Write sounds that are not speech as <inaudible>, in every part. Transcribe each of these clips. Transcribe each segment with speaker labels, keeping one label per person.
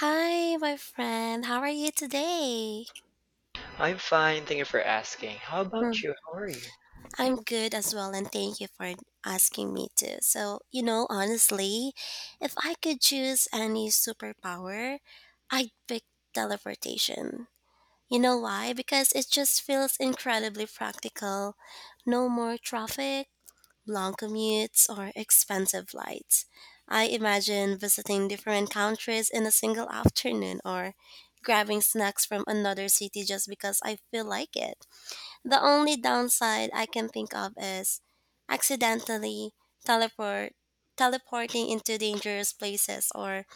Speaker 1: Hi, my friend. How are you today?
Speaker 2: I'm fine, thank you for asking. How
Speaker 1: Mm,
Speaker 2: about you? How are you?
Speaker 1: I'm good as well, and thank you for asking me to. So, honestly, if I could choose any superpower, I'd pick teleportation. You know why? Because it just feels incredibly practical. No more traffic, long commutes, or expensive flights. I imagine visiting different countries in a single afternoon or grabbing snacks from another city just because I feel like it. The only downside I can think of is accidentally teleport teleporting into dangerous places or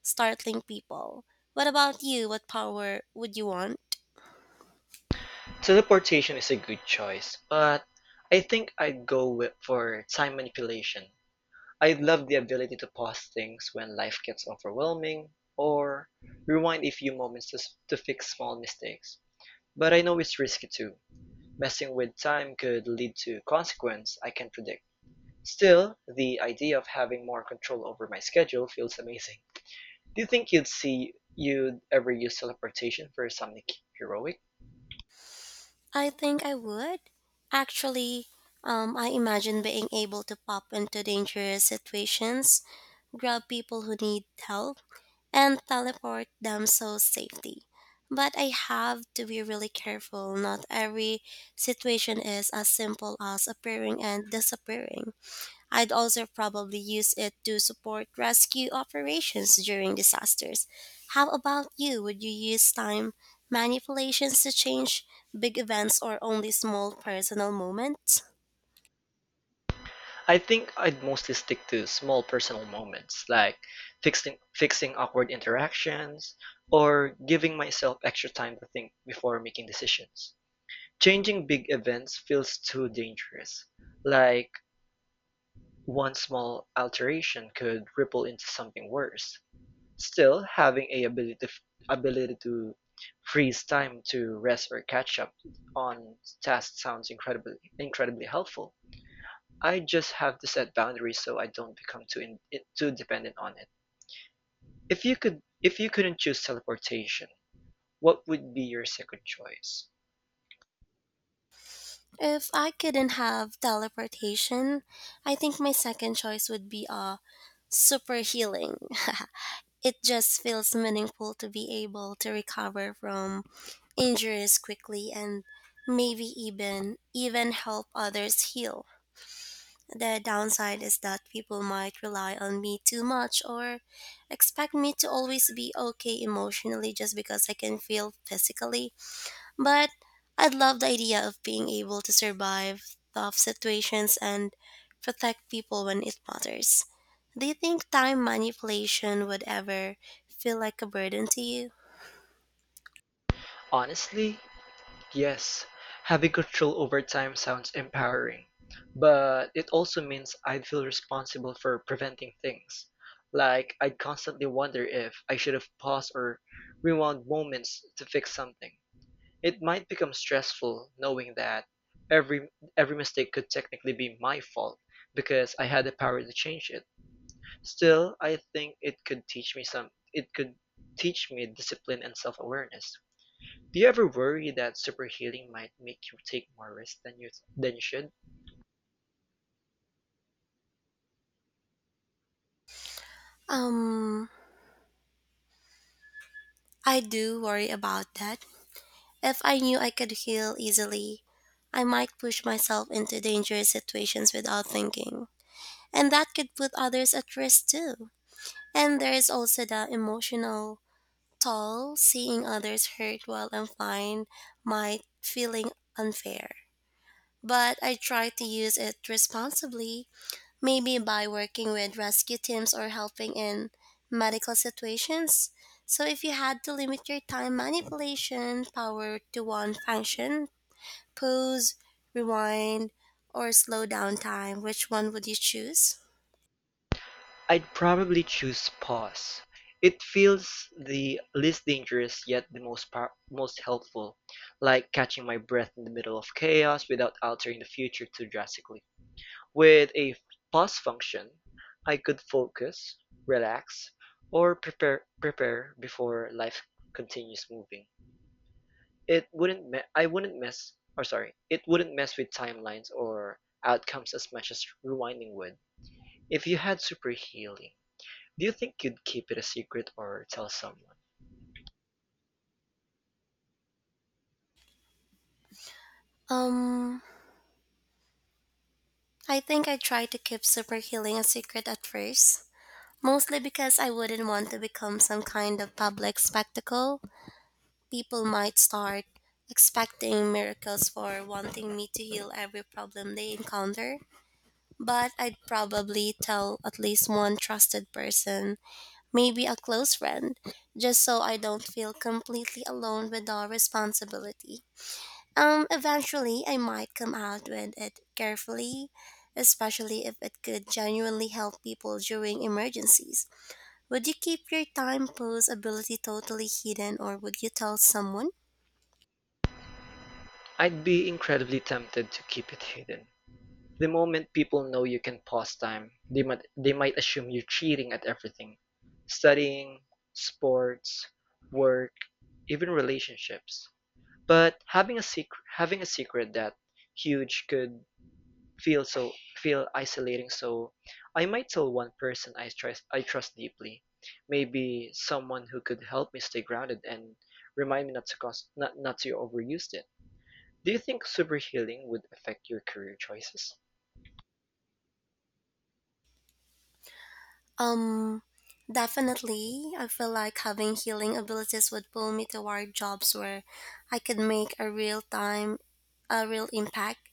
Speaker 1: startling people. What about you? What power would you want?
Speaker 2: Teleportation is a good choice, but I think I'd for time manipulation. I love the ability to pause things when life gets overwhelming or rewind a few moments to fix small mistakes. But I know it's risky too. Messing with time could lead to consequences I can't predict. Still, the idea of having more control over my schedule feels amazing. Do you think you'd ever use teleportation for something heroic?
Speaker 1: I think I would. Actually, I imagine being able to pop into dangerous situations, grab people who need help, and teleport them so safely. But I have to be really careful. Not every situation is as simple as appearing and disappearing. I'd also probably use it to support rescue operations during disasters. How about you? Would you use time manipulations to change big events or only small personal moments?
Speaker 2: I think I'd mostly stick to small personal moments like fixing awkward interactions or giving myself extra time to think before making decisions. Changing big events feels too dangerous. Like one small alteration could ripple into something worse. Still, having a ability to freeze time to rest or catch up on tasks sounds incredibly helpful. I just have to set boundaries so I don't become too dependent on it. If you couldn't choose teleportation, what would be your second choice?
Speaker 1: If I couldn't have teleportation, I think my second choice would be a super healing. <laughs> It just feels meaningful to be able to recover from injuries quickly and maybe even help others heal. The downside is that people might rely on me too much or expect me to always be okay emotionally just because I can feel physically. But I'd love the idea of being able to survive tough situations and protect people when it matters. Do you think time manipulation would ever feel like a burden to you?
Speaker 2: Honestly, yes, having control over time sounds empowering, but it also means I'd feel responsible for preventing things. Like, I'd constantly wonder if I should have paused or rewound moments to fix something. It might become stressful knowing that every every mistake could technically be my fault because I had the power to change it. Still, I think it could teach me discipline and self-awareness. Do you ever worry that superheating might make you take more risks than you should?
Speaker 1: Um, I do worry about that. If I knew I could heal easily, I might push myself into dangerous situations without thinking. And that could put others at risk too. And there is also the emotional toll, seeing others hurt while I'm fine might feeling unfair. But I try to use it responsibly, maybe by working with rescue teams or helping in medical situations. So if you had to limit your time manipulation power to one function, pause, rewind, or slow down time, which one would you choose?
Speaker 2: I'd probably choose pause. It feels the least dangerous yet the most helpful, like catching my breath in the middle of chaos without altering the future too drastically. With a pause function, I could focus, relax, or prepare before life continues moving. It wouldn't me- I wouldn't mess or sorry, it wouldn't mess with timelines or outcomes as much as rewinding would. If you had super healing, do you think you'd keep it a secret or tell someone?
Speaker 1: Um, I think I tried to keep super healing a secret at first, mostly because I wouldn't want to become some kind of public spectacle. People might start expecting miracles for wanting me to heal every problem they encounter. But I'd probably tell at least one trusted person, maybe a close friend, just so I don't feel completely alone with the responsibility. Eventually, I might come out with it carefully, especially if it could genuinely help people during emergencies. Would you keep your time pose ability totally hidden, or would you tell someone?
Speaker 2: I'd be incredibly tempted to keep it hidden. The moment people know you can pause time, they might assume you're cheating at everything. Studying, sports, work, even relationships. But having a secret that huge could feel so feel isolating, so I might tell one person I trust deeply, maybe someone who could help me stay grounded and remind me not to overuse it. Do you think super healing would affect your career choices?
Speaker 1: Um, Definitely. I feel like having healing abilities would pull me toward jobs where I could make a real impact,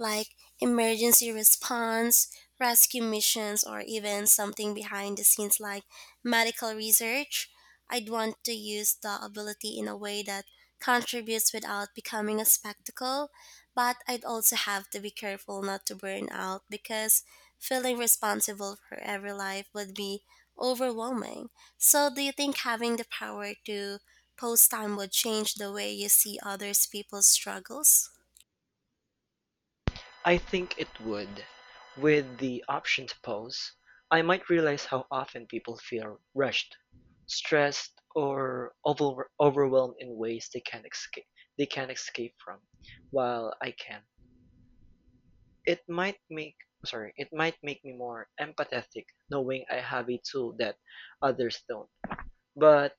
Speaker 1: like emergency response, rescue missions, or even something behind the scenes like medical research. I'd want to use the ability in a way that contributes without becoming a spectacle. But I'd also have to be careful not to burn out because feeling responsible for every life would be overwhelming. So, do you think having the power to post time would change the way you see others people's struggles?
Speaker 2: I think it would. With the option to pause, I might realize how often people feel rushed, stressed, or overwhelmed in ways they can't escape from, while I can. It might make it might make me more empathetic, knowing I have a tool that others don't. But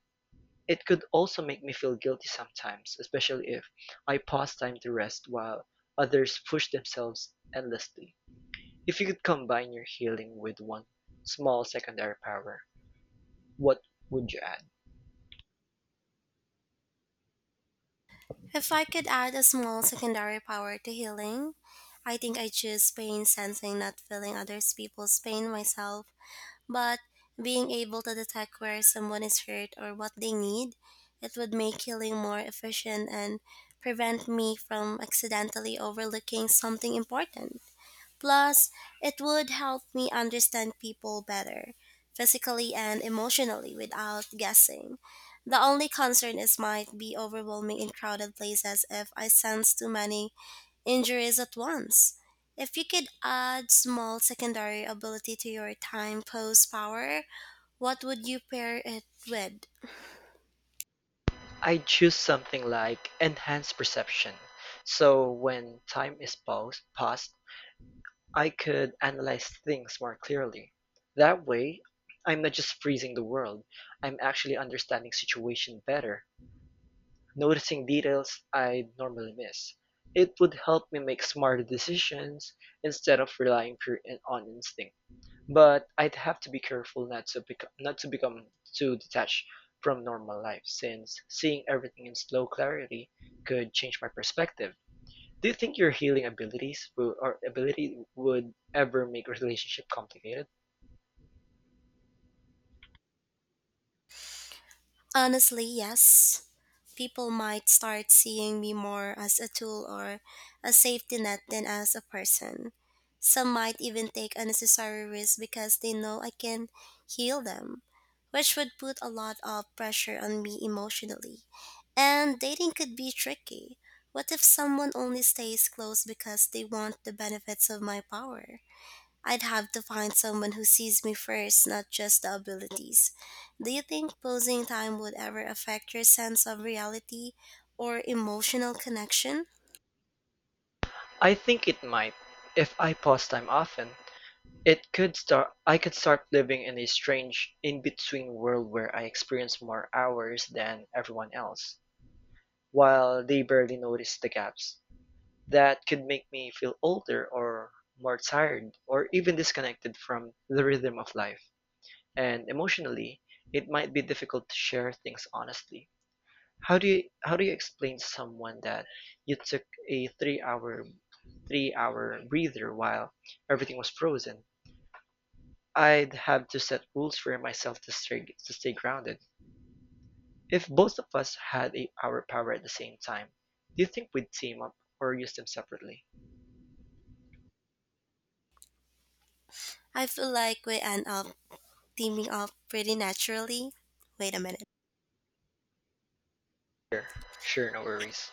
Speaker 2: it could also make me feel guilty sometimes, especially if I pause time to rest while others push themselves endlessly. If you could combine your healing with one small secondary power, what would you add?
Speaker 1: If I could add a small secondary power to healing, I think I choose pain sensing, not feeling others people's pain myself, but being able to detect where someone is hurt or what they need. It would make healing more efficient and prevent me from accidentally overlooking something important. Plus, it would help me understand people better, physically and emotionally, without guessing. The only concern is might be overwhelming in crowded places if I sense too many injuries at once. If you could add small secondary ability to your time pose power, what would you pair it with?
Speaker 2: I'd choose something like enhanced perception. So when time is paused, I could analyze things more clearly. That way, I'm not just freezing the world, I'm actually understanding situation better, noticing details I'd normally miss. It would help me make smarter decisions instead of relying pure on instinct. But I'd have to be careful not to become too detached from normal life, since seeing everything in slow clarity could change my perspective. Do you think your healing abilities will, or ability would ever make a relationship complicated?
Speaker 1: Honestly, yes. People might start seeing me more as a tool or a safety net than as a person. Some might even take unnecessary risks because they know I can heal them, which would put a lot of pressure on me emotionally. And dating could be tricky. What if someone only stays close because they want the benefits of my power? I'd have to find someone who sees me first, not just the abilities. Do you think posing time would ever affect your sense of reality or emotional connection?
Speaker 2: I think it might. If I pause time often, it could start I could start living in a strange in-between world where I experience more hours than everyone else, while they barely notice the gaps. That could make me feel older or more tired or even disconnected from the rhythm of life. And emotionally, it might be difficult to share things honestly. How do you explain someone that you took a three hour breather while everything was frozen? I'd have to set rules for myself to stay grounded. If both of us had a our power at the same time, do you think we'd team up or use them separately?
Speaker 1: I feel like we end up teaming up pretty naturally. Wait a minute.
Speaker 2: Sure, sure, no worries.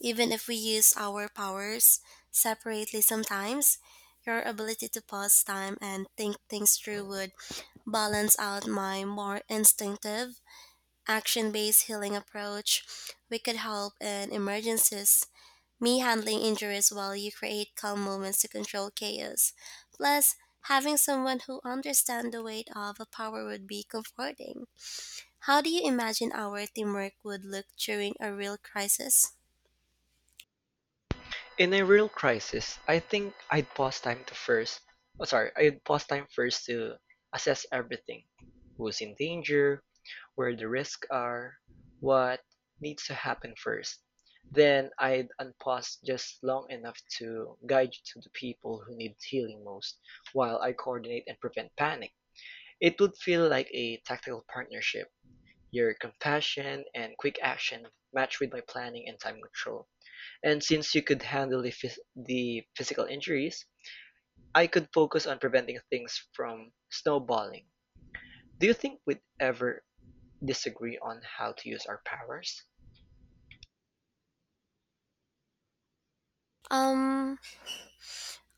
Speaker 1: Even if we use our powers separately sometimes, your ability to pause time and think things through would balance out my more instinctive action based healing approach. We could help in emergencies, me handling injuries while you create calm moments to control chaos. Plus, having someone who understands the weight of a power would be comforting. How do you imagine our teamwork would look during a real crisis?
Speaker 2: In a real crisis, I think I'd pause time to first. Oh, sorry, I'd pause time first to assess everything. Who's in danger? Where the risks are, what needs to happen first. Then I'd unpause just long enough to guide you to the people who need healing most, while I coordinate and prevent panic. It would feel like a tactical partnership. Your compassion and quick action matched with my planning and time control. And since you could handle the physical injuries, I could focus on preventing things from snowballing. Do you think we'd ever disagree on how to use our powers?
Speaker 1: Um,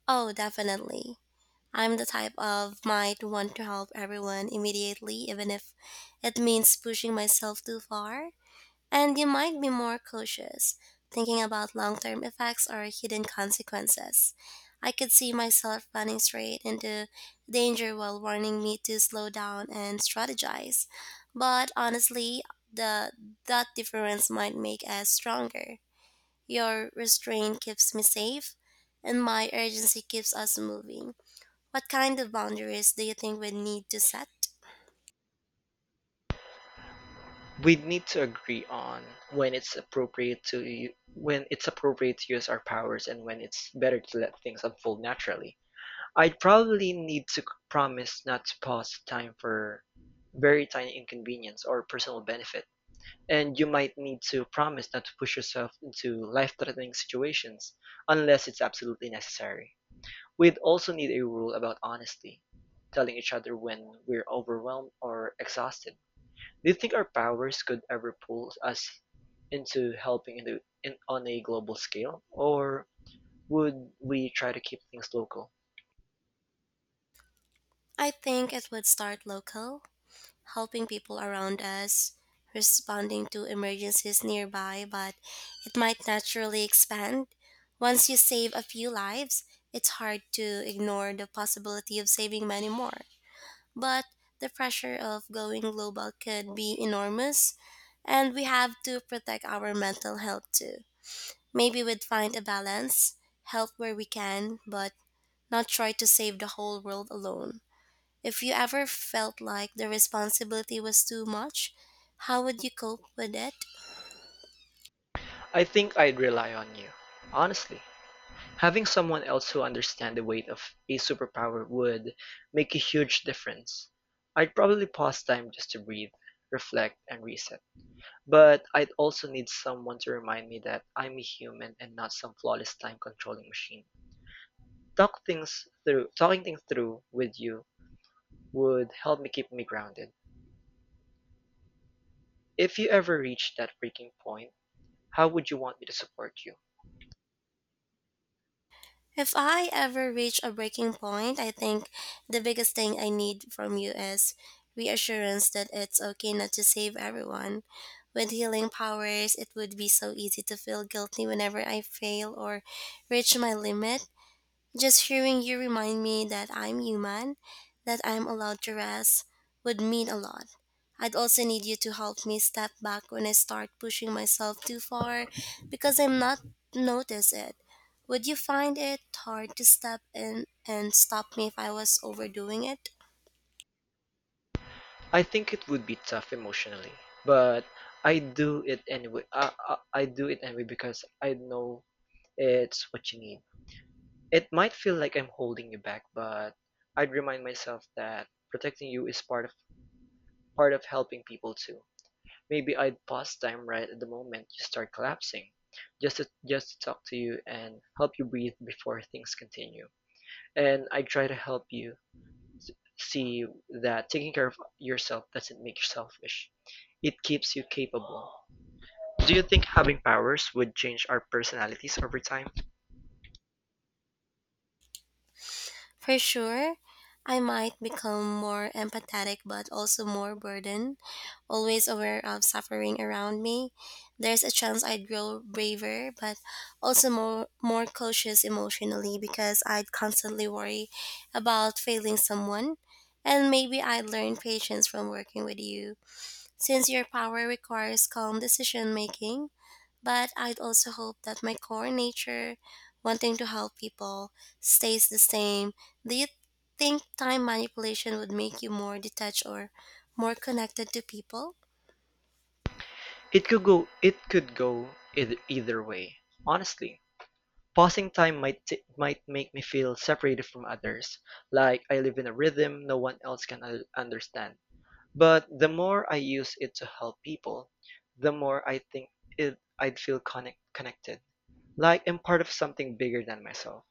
Speaker 1: oh, definitely. I'm the type of might want to help everyone immediately, even if it means pushing myself too far. And you might be more cautious, thinking about long term effects or hidden consequences. I could see myself running straight into danger while warning me to slow down and strategize. But honestly, the that difference might make us stronger. Your restraint keeps me safe, and my urgency keeps us moving. What kind of boundaries do you think we need to set?
Speaker 2: We'd need to agree on when it's appropriate to when it's appropriate to use our powers and when it's better to let things unfold naturally. I'd probably need to promise not to pause time for very tiny inconvenience or personal benefit. And you might need to promise not to push yourself into life-threatening situations unless it's absolutely necessary. We'd also need a rule about honesty, telling each other when we're overwhelmed or exhausted. Do you think our powers could ever pull us into helping on a global scale, or would we try to keep things local?
Speaker 1: I think it would start local, helping people around us, responding to emergencies nearby, but it might naturally expand. Once you save a few lives, it's hard to ignore the possibility of saving many more. But the pressure of going global could be enormous, and we have to protect our mental health too. Maybe we'd find a balance, help where we can, but not try to save the whole world alone. If you ever felt like the responsibility was too much, how would you cope with it?
Speaker 2: I think I'd rely on you. Honestly, having someone else who understands the weight of a superpower would make a huge difference. I'd probably pause time just to breathe, reflect, and reset. But I'd also need someone to remind me that I'm a human and not some flawless time controlling machine. Talking things through with you would help me keep me grounded. If you ever reach that breaking point, how would you want me to support you?
Speaker 1: If I ever reach a breaking point, I think the biggest thing I need from you is reassurance that it's okay not to save everyone. With healing powers, it would be so easy to feel guilty whenever I fail or reach my limit. Just hearing you remind me that I'm human, that I'm allowed to rest, would mean a lot. I'd also need you to help me step back when I start pushing myself too far because I'm not notice it. Would you find it hard to step in and stop me if I was overdoing it?
Speaker 2: I think it would be tough emotionally, but I do it anyway. I do it anyway because I know it's what you need. It might feel like I'm holding you back, but I'd remind myself that protecting you is part of helping people too. Maybe I'd pause time right at the moment you start collapsing, just to talk to you and help you breathe before things continue. And I try to help you see that taking care of yourself doesn't make you selfish. It keeps you capable. Do you think having powers would change our personalities over time?
Speaker 1: For sure, I might become more empathetic but also more burdened, always aware of suffering around me. There's a chance I'd grow braver but also more cautious emotionally because I'd constantly worry about failing someone. And maybe I'd learn patience from working with you since your power requires calm decision making. But I'd also hope that my core nature, wanting to help people, stays the same. Do you think time manipulation would make you more detached or more connected to people?
Speaker 2: It could go either way. Honestly, pausing time might make me feel separated from others, like I live in a rhythm no one else can understand. But the more I use it to help people, the more I think it I'd feel connected, like I'm part of something bigger than myself.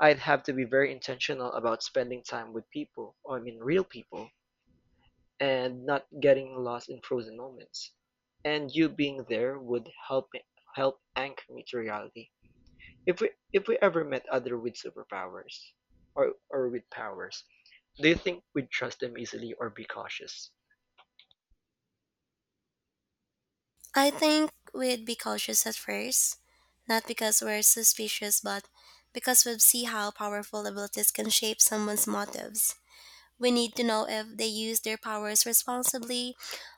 Speaker 2: I'd have to be very intentional about spending time with people, or I mean real people, and not getting lost in frozen moments. And you being there would help anchor me to reality. If we ever met other with superpowers or with powers, do you think we'd trust them easily or be cautious?
Speaker 1: I think we'd be cautious at first, not because we're suspicious, but because we would see how powerful abilities can shape someone's motives. We need to know if they use their powers responsibly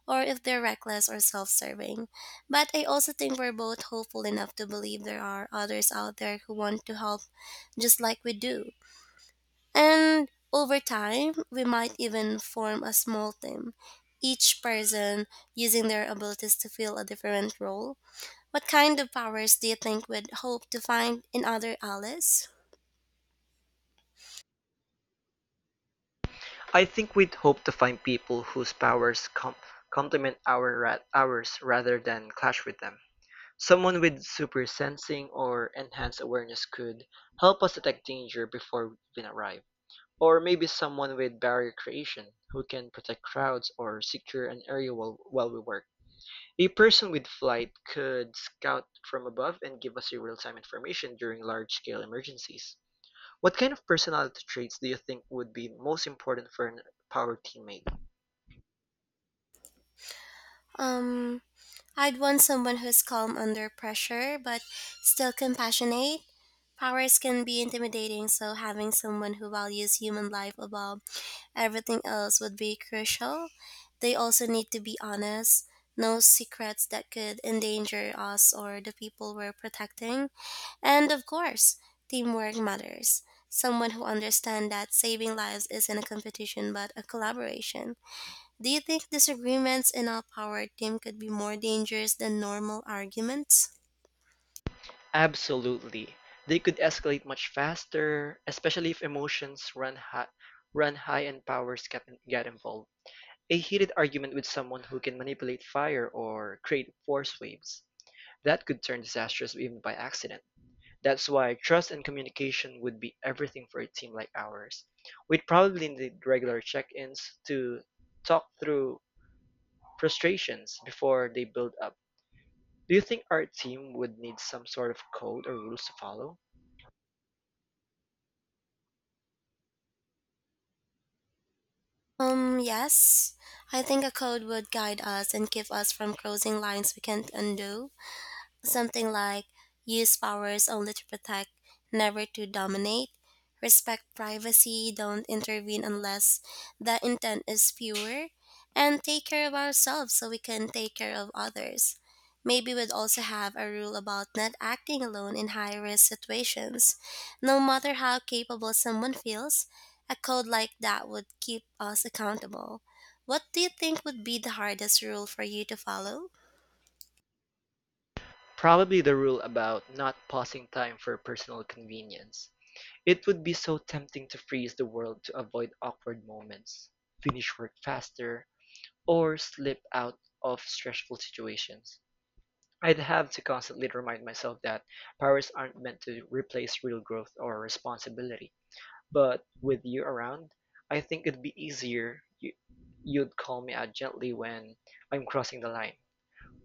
Speaker 1: or if they're reckless or self serving. But I also think we're both hopeful enough to believe there are others out there who want to help just like we do. And over time, we might even form a small team, each person using their abilities to fill a different role. What kind of powers do you think we'd hope to find in other allies?
Speaker 2: I think we'd hope to find people whose powers complement ours rather than clash with them. Someone with super sensing or enhanced awareness could help us detect danger before we even arrive. Or maybe someone with barrier creation who can protect crowds or secure an area while we work. A person with flight could scout from above and give us real-time information during large-scale emergencies. What kind of personality traits do you think would be most important for a power teammate?
Speaker 1: Um, I'd want someone who's calm under pressure but still compassionate. Powers can be intimidating, so having someone who values human life above everything else would be crucial. They also need to be honest, no secrets that could endanger us or the people we're protecting. And of course, teamwork matters. Someone who understands that saving lives isn't a competition but a collaboration. Do you think disagreements in our power team could be more dangerous than normal arguments?
Speaker 2: Absolutely. They could escalate much faster, especially if emotions run high, and powers get involved. A heated argument with someone who can manipulate fire or create force waves. That could turn disastrous even by accident. That's why trust and communication would be everything for a team like ours. We'd probably need regular check ins to talk through frustrations before they build up. Do you think our team would need some sort of code or rules to follow?
Speaker 1: Yes. I think a code would guide us and keep us from crossing lines we can't undo. Something like use powers only to protect, never to dominate, respect privacy, don't intervene unless the intent is pure, and take care of ourselves so we can take care of others. Maybe we'd also have a rule about not acting alone in high risk situations. No matter how capable someone feels, a code like that would keep us accountable. What do you think would be the hardest rule for you to follow?
Speaker 2: Probably the rule about not pausing time for personal convenience. It would be so tempting to freeze the world to avoid awkward moments, finish work faster, or slip out of stressful situations. I'd have to constantly remind myself that powers aren't meant to replace real growth or responsibility. But with you around, I think it'd be easier. You'd call me out gently when I'm crossing the line.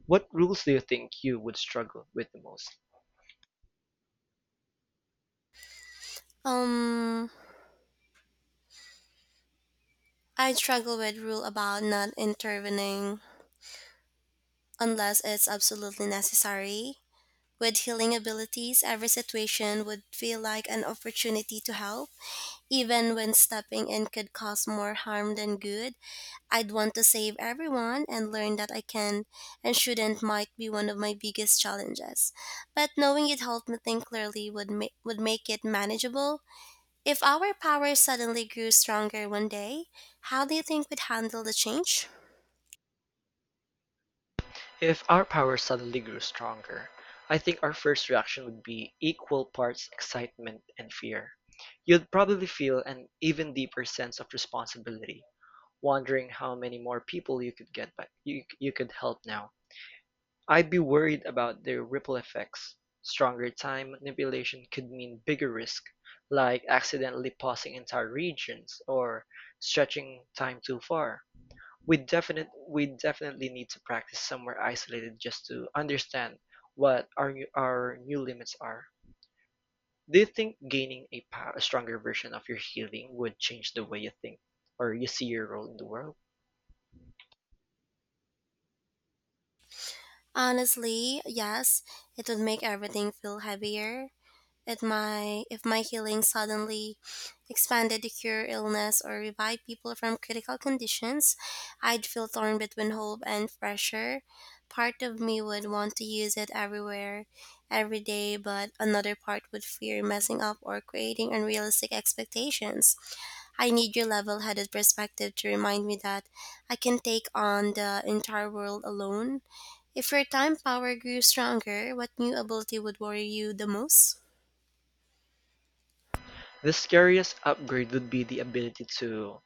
Speaker 2: What rules do you think you would struggle with the most?
Speaker 1: Um, I struggle with rule about not intervening unless it's absolutely necessary. With healing abilities, every situation would feel like an opportunity to help, even when stepping in could cause more harm than good. I'd want to save everyone and learn that I can and shouldn't might be one of my biggest challenges. But knowing it helped me think clearly would would make it manageable. If our power suddenly grew stronger one day, how do you think we'd handle the change?
Speaker 2: If our powers suddenly grew stronger, I think our first reaction would be equal parts excitement and fear. You'd probably feel an even deeper sense of responsibility wondering how many more people you could get by you, you could help now. I'd be worried about the ripple effects. Stronger time manipulation could mean bigger risk, like accidentally pausing entire regions or stretching time too far. We definitely need to practice somewhere isolated just to understand what our new limits are. Do you think gaining a stronger version of your healing would change the way you think or you see your role in the world?
Speaker 1: Honestly, yes, it would make everything feel heavier. It my if my healing suddenly expanded to cure illness or revive people from critical conditions, I'd feel torn between hope and pressure. Part of me would want to use it everywhere, every day, but another part would fear messing up or creating unrealistic expectations. I need your level headed perspective to remind me that I can take on the entire world alone. If your time power grew stronger, what new ability would worry you the most?
Speaker 2: The scariest upgrade would be the ability to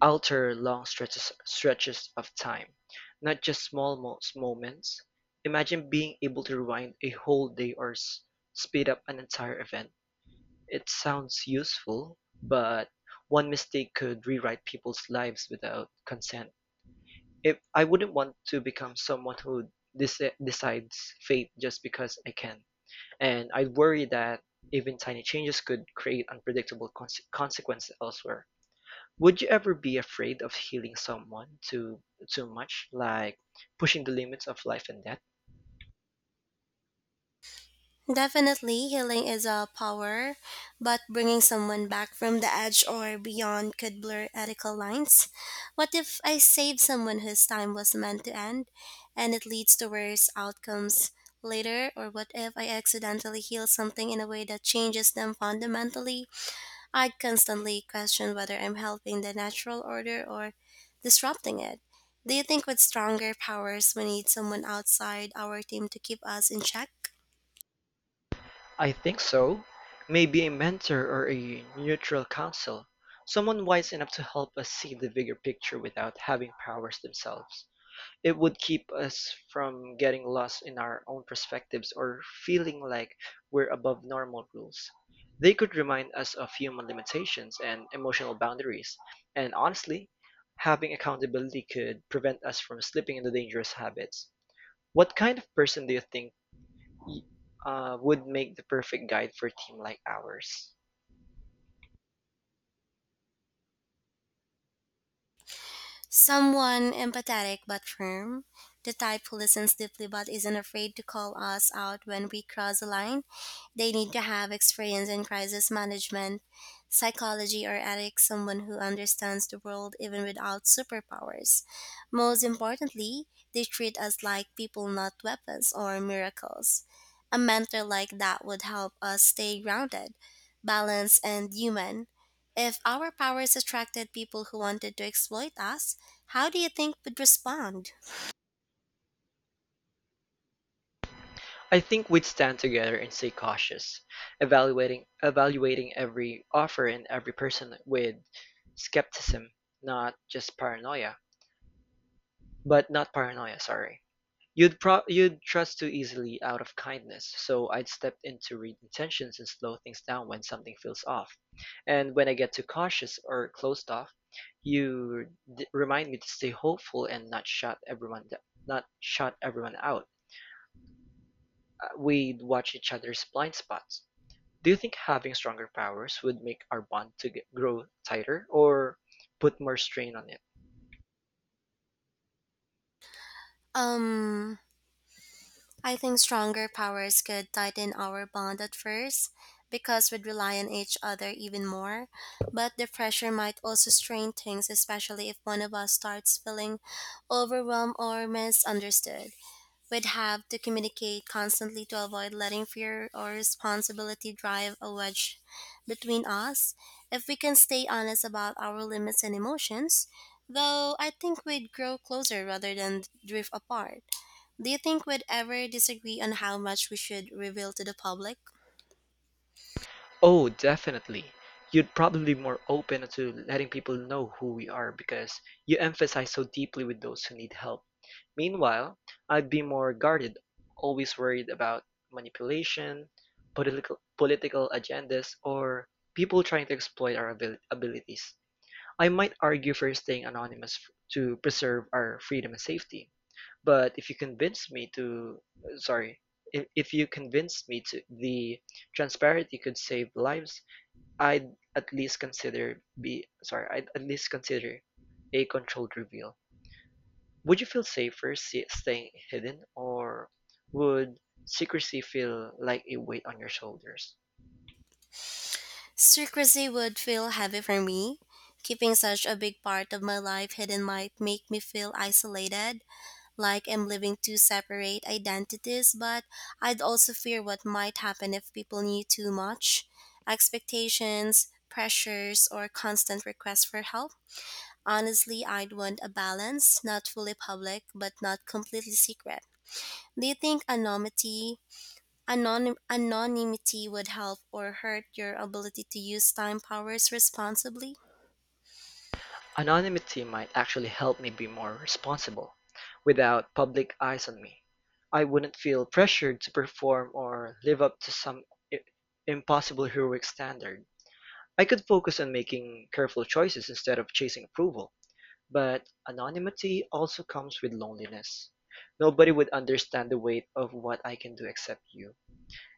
Speaker 2: alter long stretches of time, not just small moments. Imagine being able to rewind a whole day or speed up an entire event. It sounds useful, but one mistake could rewrite people's lives without consent. If I wouldn't want to become someone who decides fate just because I can. And I worry that even tiny changes could create unpredictable consequences elsewhere. Would you ever be afraid of healing someone too much, like pushing the limits of life and death?
Speaker 1: Definitely, healing is a power, but bringing someone back from the edge or beyond could blur ethical lines. What if I save someone whose time was meant to end and it leads to worse outcomes later? Or what if I accidentally heal something in a way that changes them fundamentally? I constantly question whether I'm helping the natural order or disrupting it. Do you think with stronger powers, we need someone outside our team to keep us in check?
Speaker 2: I think so. Maybe a mentor or a neutral counsel, someone wise enough to help us see the bigger picture without having powers themselves. It would keep us from getting lost in our own perspectives or feeling like we're above normal rules. They could remind us of human limitations and emotional boundaries. And honestly, having accountability could prevent us from slipping into dangerous habits. What kind of person do you think would make the perfect guide for a team like ours?
Speaker 1: Someone empathetic but firm, the type who listens deeply but isn't afraid to call us out when we cross the line. They need to have experience in crisis management, psychology, or ethics, someone who understands the world even without superpowers. Most importantly, they treat us like people, not weapons or miracles. A mentor like that would help us stay grounded, balanced, and human. If our powers attracted people who wanted to exploit us, how do you think would respond?
Speaker 2: I think we'd stand together and stay cautious, evaluating every offer and every person with skepticism, not just paranoia. But not paranoia, sorry. You'd trust too easily out of kindness, so I'd step in to read intentions and slow things down when something feels off. And when I get too cautious or closed off, you remind me to stay hopeful and not shut everyone out. We'd watch each other's blind spots. Do you think having stronger powers would make our grow tighter or put more strain on it?
Speaker 1: Um, I think stronger powers could tighten our bond at first because we'd rely on each other even more. But the pressure might also strain things, especially if one of us starts feeling overwhelmed or misunderstood. Would have to communicate constantly to avoid letting fear or responsibility drive a wedge between us. If we can stay honest about our limits and emotions, though, I think we'd grow closer rather than drift apart. Do you think we'd ever disagree on how much we should reveal to the public?
Speaker 2: Oh, definitely. You'd probably be more open to letting people know who we are because you empathize so deeply with those who need help. Meanwhile, I'd be more guarded, always worried about manipulation, political agendas, or people trying to exploit our abilities. I might argue for staying anonymous to preserve our freedom and safety. But if you convince me to, sorry, if you convinced me to the transparency could save lives, I'd at least consider be sorry, I'd at least consider a controlled reveal. Would you feel safer staying hidden, or would secrecy feel like a weight on your shoulders?
Speaker 1: Secrecy would feel heavy for me. Keeping such a big part of my life hidden might make me feel isolated like I'm living two separate identities, but I'd also fear what might happen if people knew too much expectations, pressures, or constant requests for help. Honestly, I'd want a balance, not fully public, but not completely secret. Do you think anonymity would help or hurt your ability to use time powers responsibly?
Speaker 2: Anonymity might actually help me be more responsible. Without public eyes on me, I wouldn't feel pressured to perform or live up to some impossible heroic standard. I could focus on making careful choices instead of chasing approval. But anonymity also comes with loneliness. Nobody would understand the weight of what I can do except you.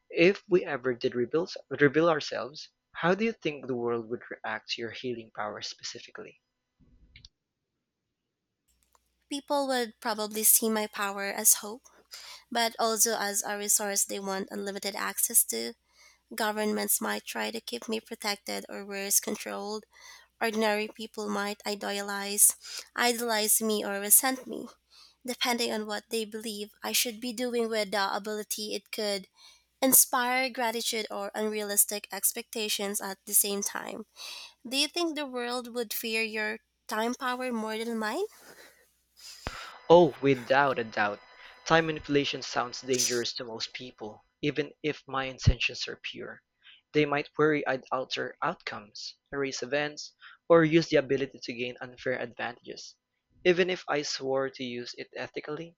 Speaker 2: If we ever did reveal ourselves, how do you think the world would react to your healing powers specifically?
Speaker 1: People would probably see my power as hope, but also as a resource they want unlimited access to. Governments might try to keep me protected or worse, controlled. Ordinary people might idolize me or resent me, depending on what they believe I should be doing with the ability it could inspire gratitude or unrealistic expectations at the same time. Do you think the world would fear your time power more than mine?
Speaker 2: Oh, without a doubt. Time manipulation sounds dangerous to most people, even if my intentions are pure. They might worry I'd alter outcomes, erase events, or use the ability to gain unfair advantages. Even if I swore to use it ethically,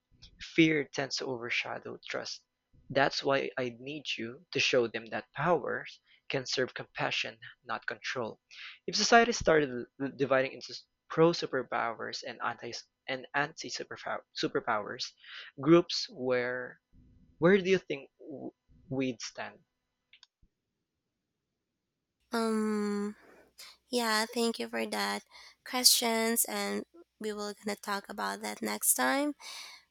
Speaker 2: fear tends to overshadow trust. That's why I need you to show them that powers can serve compassion, not control. If society started dividing into pro-superpowers and anti-superpowers groups, where do you think we'd stand?
Speaker 1: Um, yeah, thank you for that questions and we will gonna talk about that next time.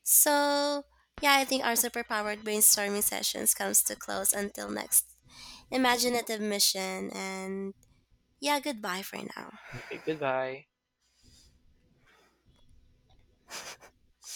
Speaker 1: So, yeah, I think our superpowered brainstorming sessions comes to close until next imaginative mission and yeah, goodbye for now.
Speaker 2: Okay, goodbye.